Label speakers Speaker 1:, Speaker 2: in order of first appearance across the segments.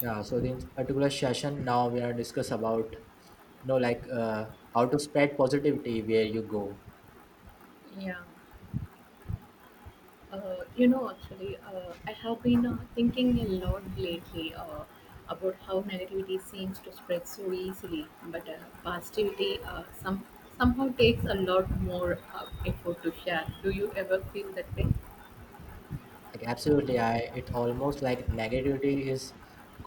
Speaker 1: Yeah, so in this particular session, now we are discuss about, like how to spread positivity where you go.
Speaker 2: Yeah, actually, I have been thinking a lot lately about how negativity seems to spread so easily, but positivity somehow takes a lot more effort to share. Do you ever feel that way?
Speaker 1: Like absolutely, I it almost like negativity is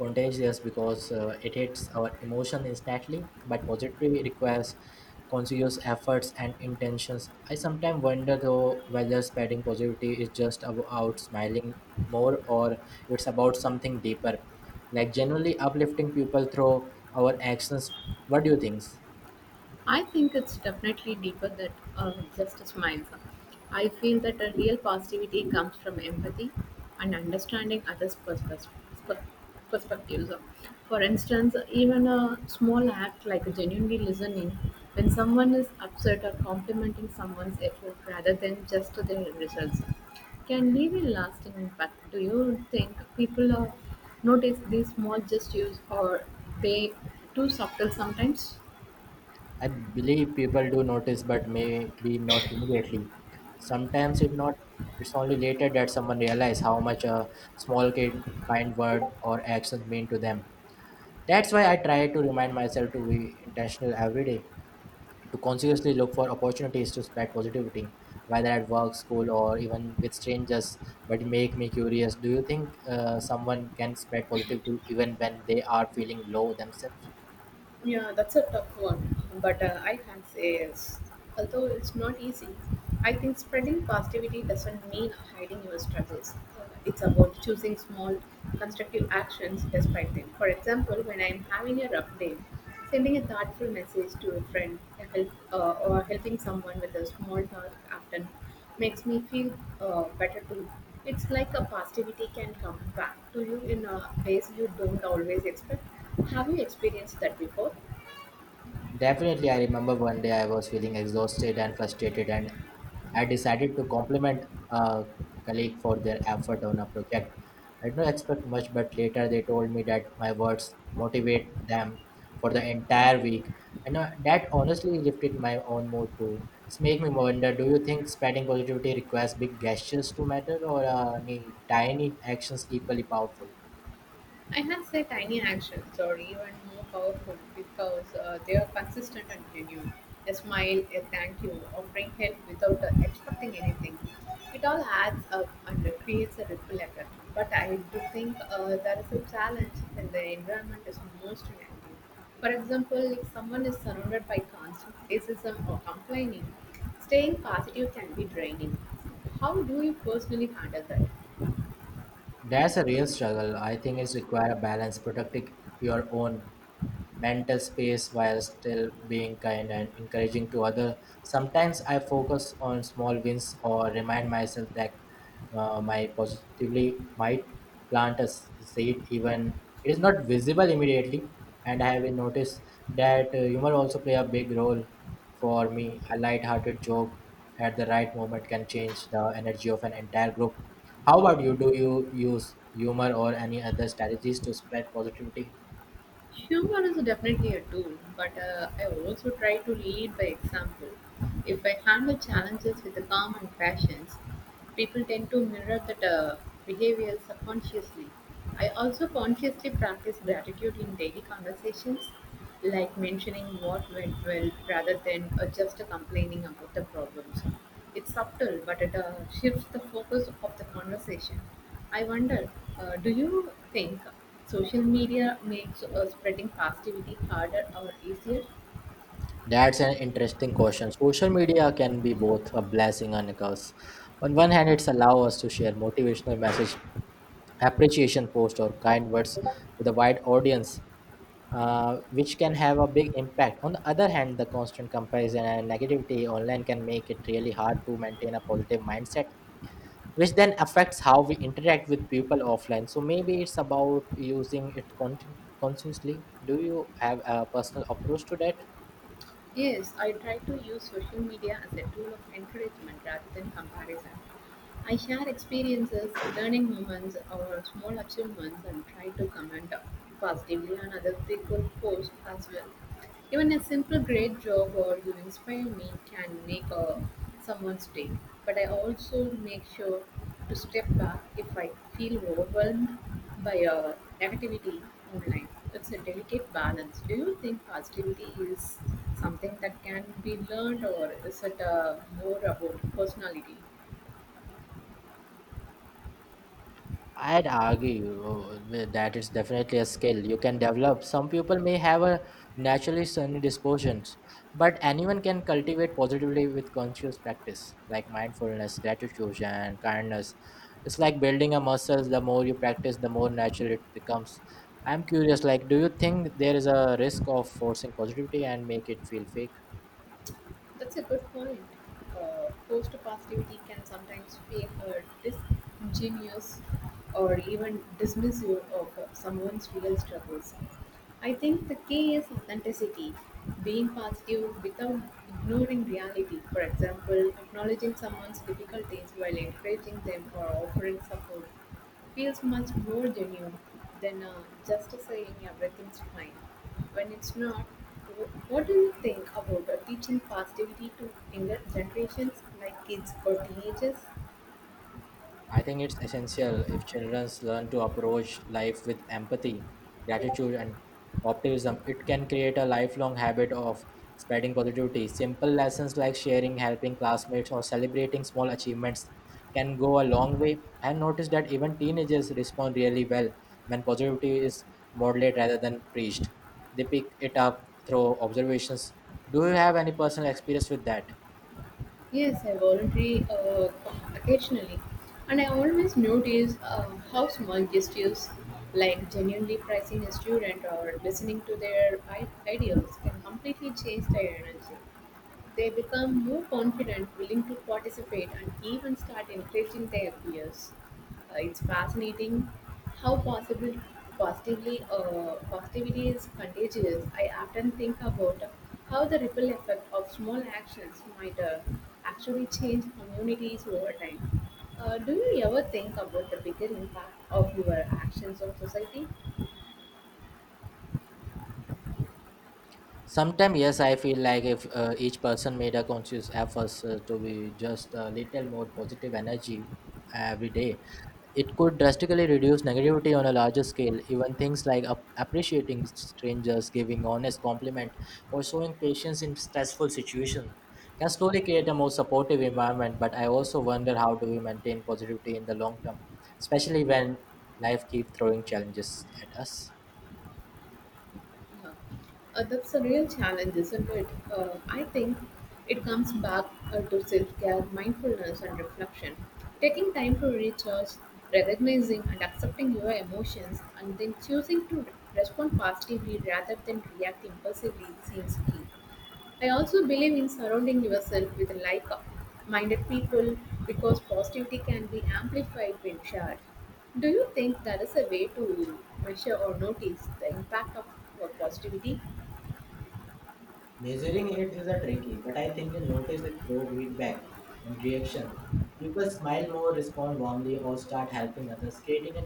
Speaker 1: contagious because it hits our emotion instantly, but positivity requires conscious efforts and intentions. I sometimes wonder though whether spreading positivity is just about smiling more or it's about something deeper, like genuinely uplifting people through our actions. What do you think?
Speaker 2: I think it's definitely deeper than just smiles. I feel that a real positivity comes from empathy and understanding others' perspectives. For instance, even a small act like genuinely listening when someone is upset or complimenting someone's effort rather than just their results can leave a lasting impact. Do you think people notice these small gestures or they too subtle sometimes?
Speaker 1: I believe people do notice, but maybe not immediately. Sometimes it not. It's only later that someone realize how much a small kind word or action mean to them. That's why I try to remind myself to be intentional every day, to consciously look for opportunities to spread positivity, whether at work, school, or even with strangers. But make me curious. Do you think someone can spread positivity even when they are feeling low themselves?
Speaker 2: Yeah, that's a tough one, but I can say yes. Although it's not easy, I think spreading positivity doesn't mean hiding your struggles. It's about choosing small, constructive actions despite them. For example, when I'm having a rough day, sending a thoughtful message to a friend a help, or helping someone with a small task often makes me feel better too. It's like a positivity can come back to you in a ways you don't always expect. Have you experienced that before?
Speaker 1: Definitely, I remember one day I was feeling exhausted and frustrated, and I decided to compliment a colleague for their effort on a project. I did not expect much, but later they told me that my words motivate them for the entire week, and that honestly lifted my own mood too. It's make me wonder: do you think spreading positivity requires big gestures to matter, or any tiny actions equally powerful?
Speaker 2: Enhanced tiny actions are even more powerful because they are consistent and genuine. A smile, a thank you, offering help without expecting anything. It all adds up and creates a ripple effect. But I do think there is a challenge when the environment is most negative. For example, if someone is surrounded by constant criticism or complaining, staying positive can be draining. How do you personally handle that?
Speaker 1: That's a real struggle. I think it's require a balance, protecting your own mental space while still being kind and encouraging to other. Sometimes I focus on small wins or remind myself that my positively might plant a seed even it is not visible immediately. And I have noticed that humor also play a big role for me. A light-hearted joke at the right moment can change the energy of an entire group. How about you? Do you use humor or any other strategies to spread positivity?
Speaker 2: Humor is definitely a tool, but I also try to lead by example. If I handle challenges with a calm and patience, people tend to mirror that behavior subconsciously. I also consciously practice gratitude in daily conversations, like mentioning what went well rather than just complaining about the problems. It's subtle, but it shifts the focus of the conversation. I wonder, do you think social media makes spreading positivity harder or easier?
Speaker 1: That's an interesting question. Social media can be both a blessing and a curse. On one hand, it's allow us to share motivational message, appreciation post, or kind words with a wide audience, which can have a big impact. On the other hand, the constant comparison and negativity online can make it really hard to maintain a positive mindset, which then affects how we interact with people offline. So maybe it's about using it consciously. Do you have a personal approach to that?
Speaker 2: Yes, I try to use social media as a tool of encouragement rather than comparison. I share experiences, learning moments, or small achievements and try to comment positively on other people's posts as well. Even a simple great job or you inspire me can make someone's day. But I also make sure to step back if I feel overwhelmed by a negativity online. It's a delicate balance. Do you think positivity is something that can be learned or is it more about personality?
Speaker 1: I'd argue with that it's definitely a skill you can develop. Some people may have a naturally sunny dispositions, but anyone can cultivate positively with conscious practice, like mindfulness, gratitude, and kindness. It's like building a muscle. The more you practice, the more natural it becomes. I'm curious, like, do you think there is a risk of forcing positivity and make it feel fake?
Speaker 2: That's a good point. Post positivity can sometimes feel disingenuous or even dismissive of someone's real struggles. I think the key is authenticity, being positive without ignoring reality. For example, acknowledging someone's difficulties while encouraging them or offering support. Feels much more genuine than just saying everything's fine. When it's not, what do you think about teaching positivity to younger generations like kids or teenagers?
Speaker 1: I think it's essential if children learn to approach life with empathy, gratitude, and optimism. It can create a lifelong habit of spreading positivity. Simple lessons like sharing, helping classmates, or celebrating small achievements can go a long way. I've noticed that even teenagers respond really well when positivity is modeled rather than preached. They pick it up through observations. Do you have any personal experience with that?
Speaker 2: Yes, I volunteer occasionally, and I always notice how small gestures like genuinely praising a student or listening to their ideas can completely change their energy. They become more confident, willing to participate, and even start encouraging their peers. It's fascinating how possible positively positivity is contagious. I often think about how the ripple effect of small actions might actually change communities over time. Do you ever think about the bigger impact of your actions on society?
Speaker 1: Sometimes, yes, I feel like if each person made a conscious effort to be just a little more positive energy every day, it could drastically reduce negativity on a larger scale. Even things like appreciating strangers, giving honest compliment, or showing patience in stressful situations can slowly create a more supportive environment. But I also wonder how do we maintain positivity in the long term, especially when life keeps throwing challenges at us.
Speaker 2: Yeah. That's a real challenge, isn't it? I think it comes back to self care, mindfulness, and reflection. Taking time to recharge, recognizing and accepting your emotions, and then choosing to respond positively rather than react impulsively seems key. I also believe in surrounding yourself with like minded people because positivity can be amplified when shared. Do you think that is a way to measure or notice the impact of your positivity?
Speaker 1: Measuring it is a tricky, but I think you notice it through feedback and reaction. People smile more, respond warmly, or start helping others, creating a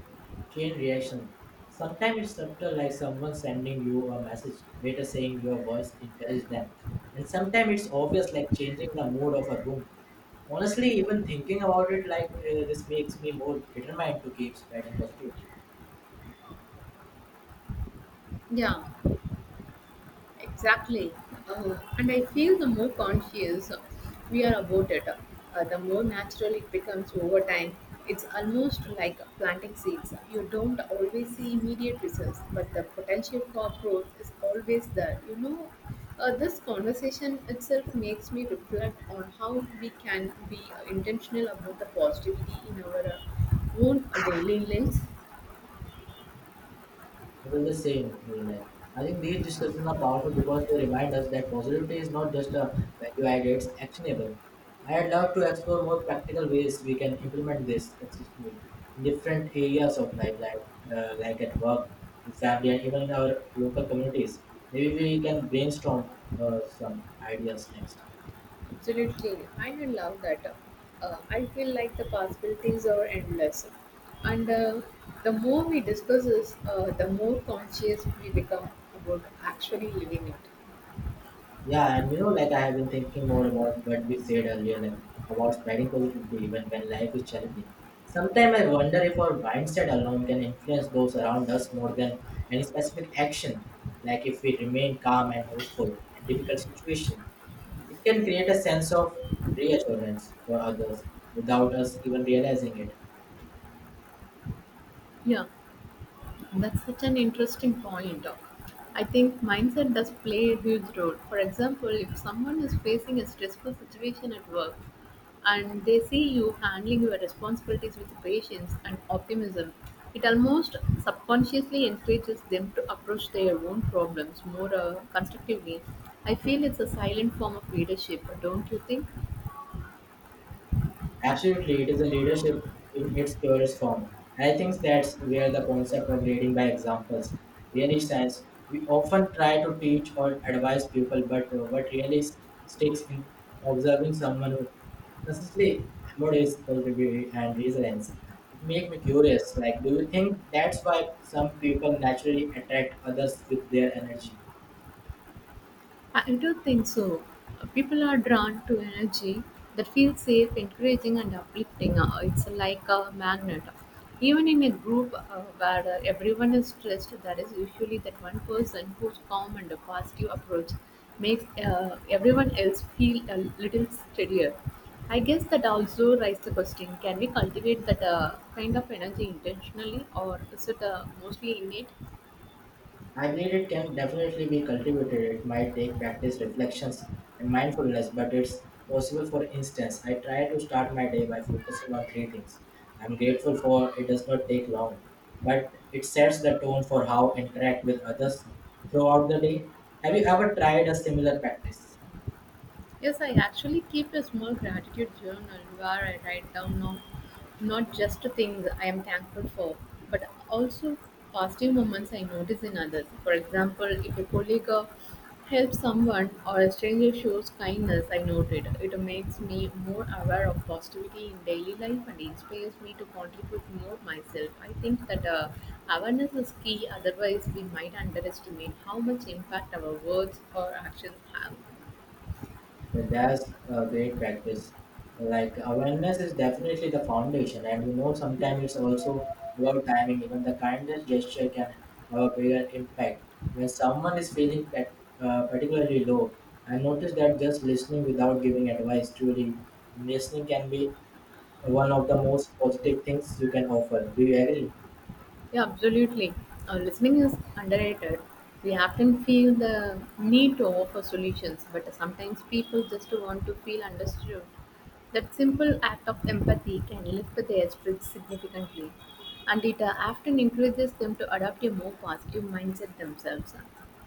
Speaker 1: chain reaction. Sometimes it's subtle, like someone sending you a message, later saying your words encourage them. And sometimes it's obvious, like changing the mood of a room. Honestly, even thinking about it like this makes me more determined to keep spreading positivity.
Speaker 2: Yeah, exactly. And I feel the more conscious we are about it, the more natural it becomes over time. It's almost like planting seeds. You don't always see immediate results, but the potential for growth is always there. This conversation itself makes me reflect on how we can be intentional about the positivity in our own daily lives.
Speaker 1: I feel the same way. Like I think these discussions are powerful because they remind us that positivity is not just a value add; it's actionable. I'd love to explore more practical ways we can implement this consistently in different areas of life, like like at work, with family, and even in our local communities. Maybe we can brainstorm some ideas next.
Speaker 2: Absolutely, I do love that. I feel like the possibilities are endless, and the more we discuss this, the more conscious we become about actually living it.
Speaker 1: Yeah, and you know, like I have been thinking more about what we said earlier, like about spreading positivity even when life is challenging. Sometimes I wonder if our mindset alone can influence those around us more than any specific action. Like if we remain calm and hopeful in difficult situations, it can create a sense of reassurance for others without us even realizing it.
Speaker 2: Yeah, that's such an interesting point. I think mindset does play a huge role. For example, if someone is facing a stressful situation at work and they see you handling your responsibilities with patience and optimism, it almost subconsciously encourages them to approach their own problems more constructively. I feel it's a silent form of leadership, don't you think?
Speaker 1: Absolutely, it is a leadership in its purest form. I think that's where the concept of leading by examples really stands. We often try to teach or advise people, but what really sticks in observing someone who consistently embodies positivity and resilience. It makes me curious. Like, do you think that's why some people naturally attract others with their energy?
Speaker 2: I do think so. People are drawn to energy that feels safe, encouraging, and uplifting. It's like a magnet. Even in a group where everyone is stressed, there is usually that one person whose calm and a positive approach makes everyone else feel a little steadier. I guess that also raises the question can we cultivate that kind of energy intentionally, or is it mostly innate?
Speaker 1: I believe it can definitely be cultivated. It might take practice, reflections, and mindfulness, but it's possible. For instance, I try to start my day by focusing on three things I'm grateful for. It does not take long, but it sets the tone for how I interact with others throughout the day. Have you ever tried a similar practice?
Speaker 2: Yes, I actually keep a small gratitude journal where I write down now, not just things I am thankful for, but also positive moments I notice in others. For example, if a colleague helps someone or a stranger shows kindness, I noted it. It makes me more aware of positivity in daily life and inspires me to contribute more myself. I think that awareness is key, otherwise, we might underestimate how much impact our words or actions have.
Speaker 1: Yeah, that's a great practice. Like awareness is definitely the foundation, and you know sometimes it's also about timing. Even the kindest gesture can have a bigger impact. When someone is feeling particularly low, I noticed that just listening without giving advice, truly listening, can be one of the most positive things you can offer. Do you agree?
Speaker 2: Yeah, absolutely. Listening is underrated. We often feel the need to offer solutions, but sometimes people just want to feel understood. That simple act of empathy can lift their spirits significantly, and it often encourages them to adopt a more positive mindset themselves.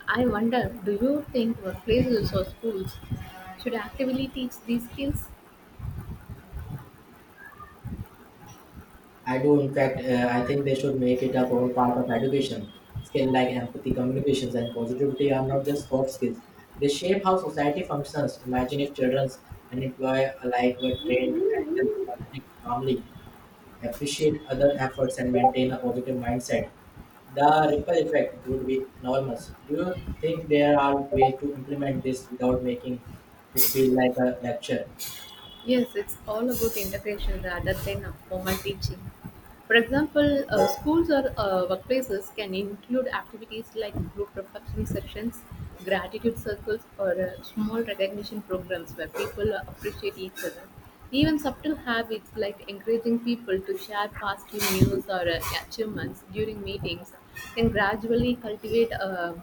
Speaker 2: I wonder do you think workplaces or schools should actively teach these skills?
Speaker 1: I do. In fact, I think they should make it a core part of education. Skills like empathy, communications, and positivity are not just soft skills. They shape how society functions. Imagine if children and employer alike were trained to handle conflict calmly, appreciate other efforts, and maintain a positive mindset. The ripple effect would be enormous. Do you think there are ways to implement this without making it feel like a lecture?
Speaker 2: Yes, it's all about integration rather than a formal teaching. For example, schools or workplaces can include activities like group reflection sessions, gratitude circles, or small recognition programs where people appreciate each other. Even subtle habits like encouraging people to share positive news or achievements during meetings can gradually cultivate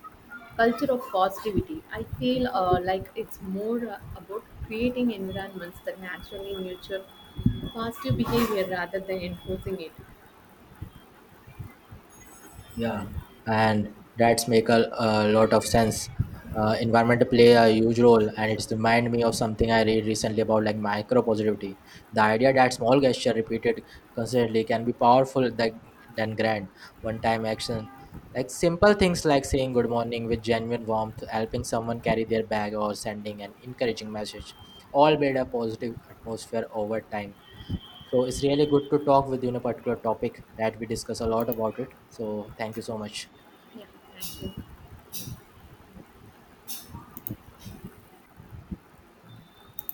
Speaker 2: culture of positivity. I feel like it's more about creating environments that naturally nurture positive behavior rather than enforcing it.
Speaker 1: Yeah, and that's make a lot of sense. Environment play a huge role, and it's remind me of something I read recently about like micro positivity. The idea that small gesture repeated consistently can be powerful than grand one-time action. Like simple things like saying good morning with genuine warmth, helping someone carry their bag, or sending an encouraging message, all build a positive atmosphere over time. So it's really good to talk with you in a particular topic that we discuss a lot about it. So thank you so much.
Speaker 2: Yeah, thank you.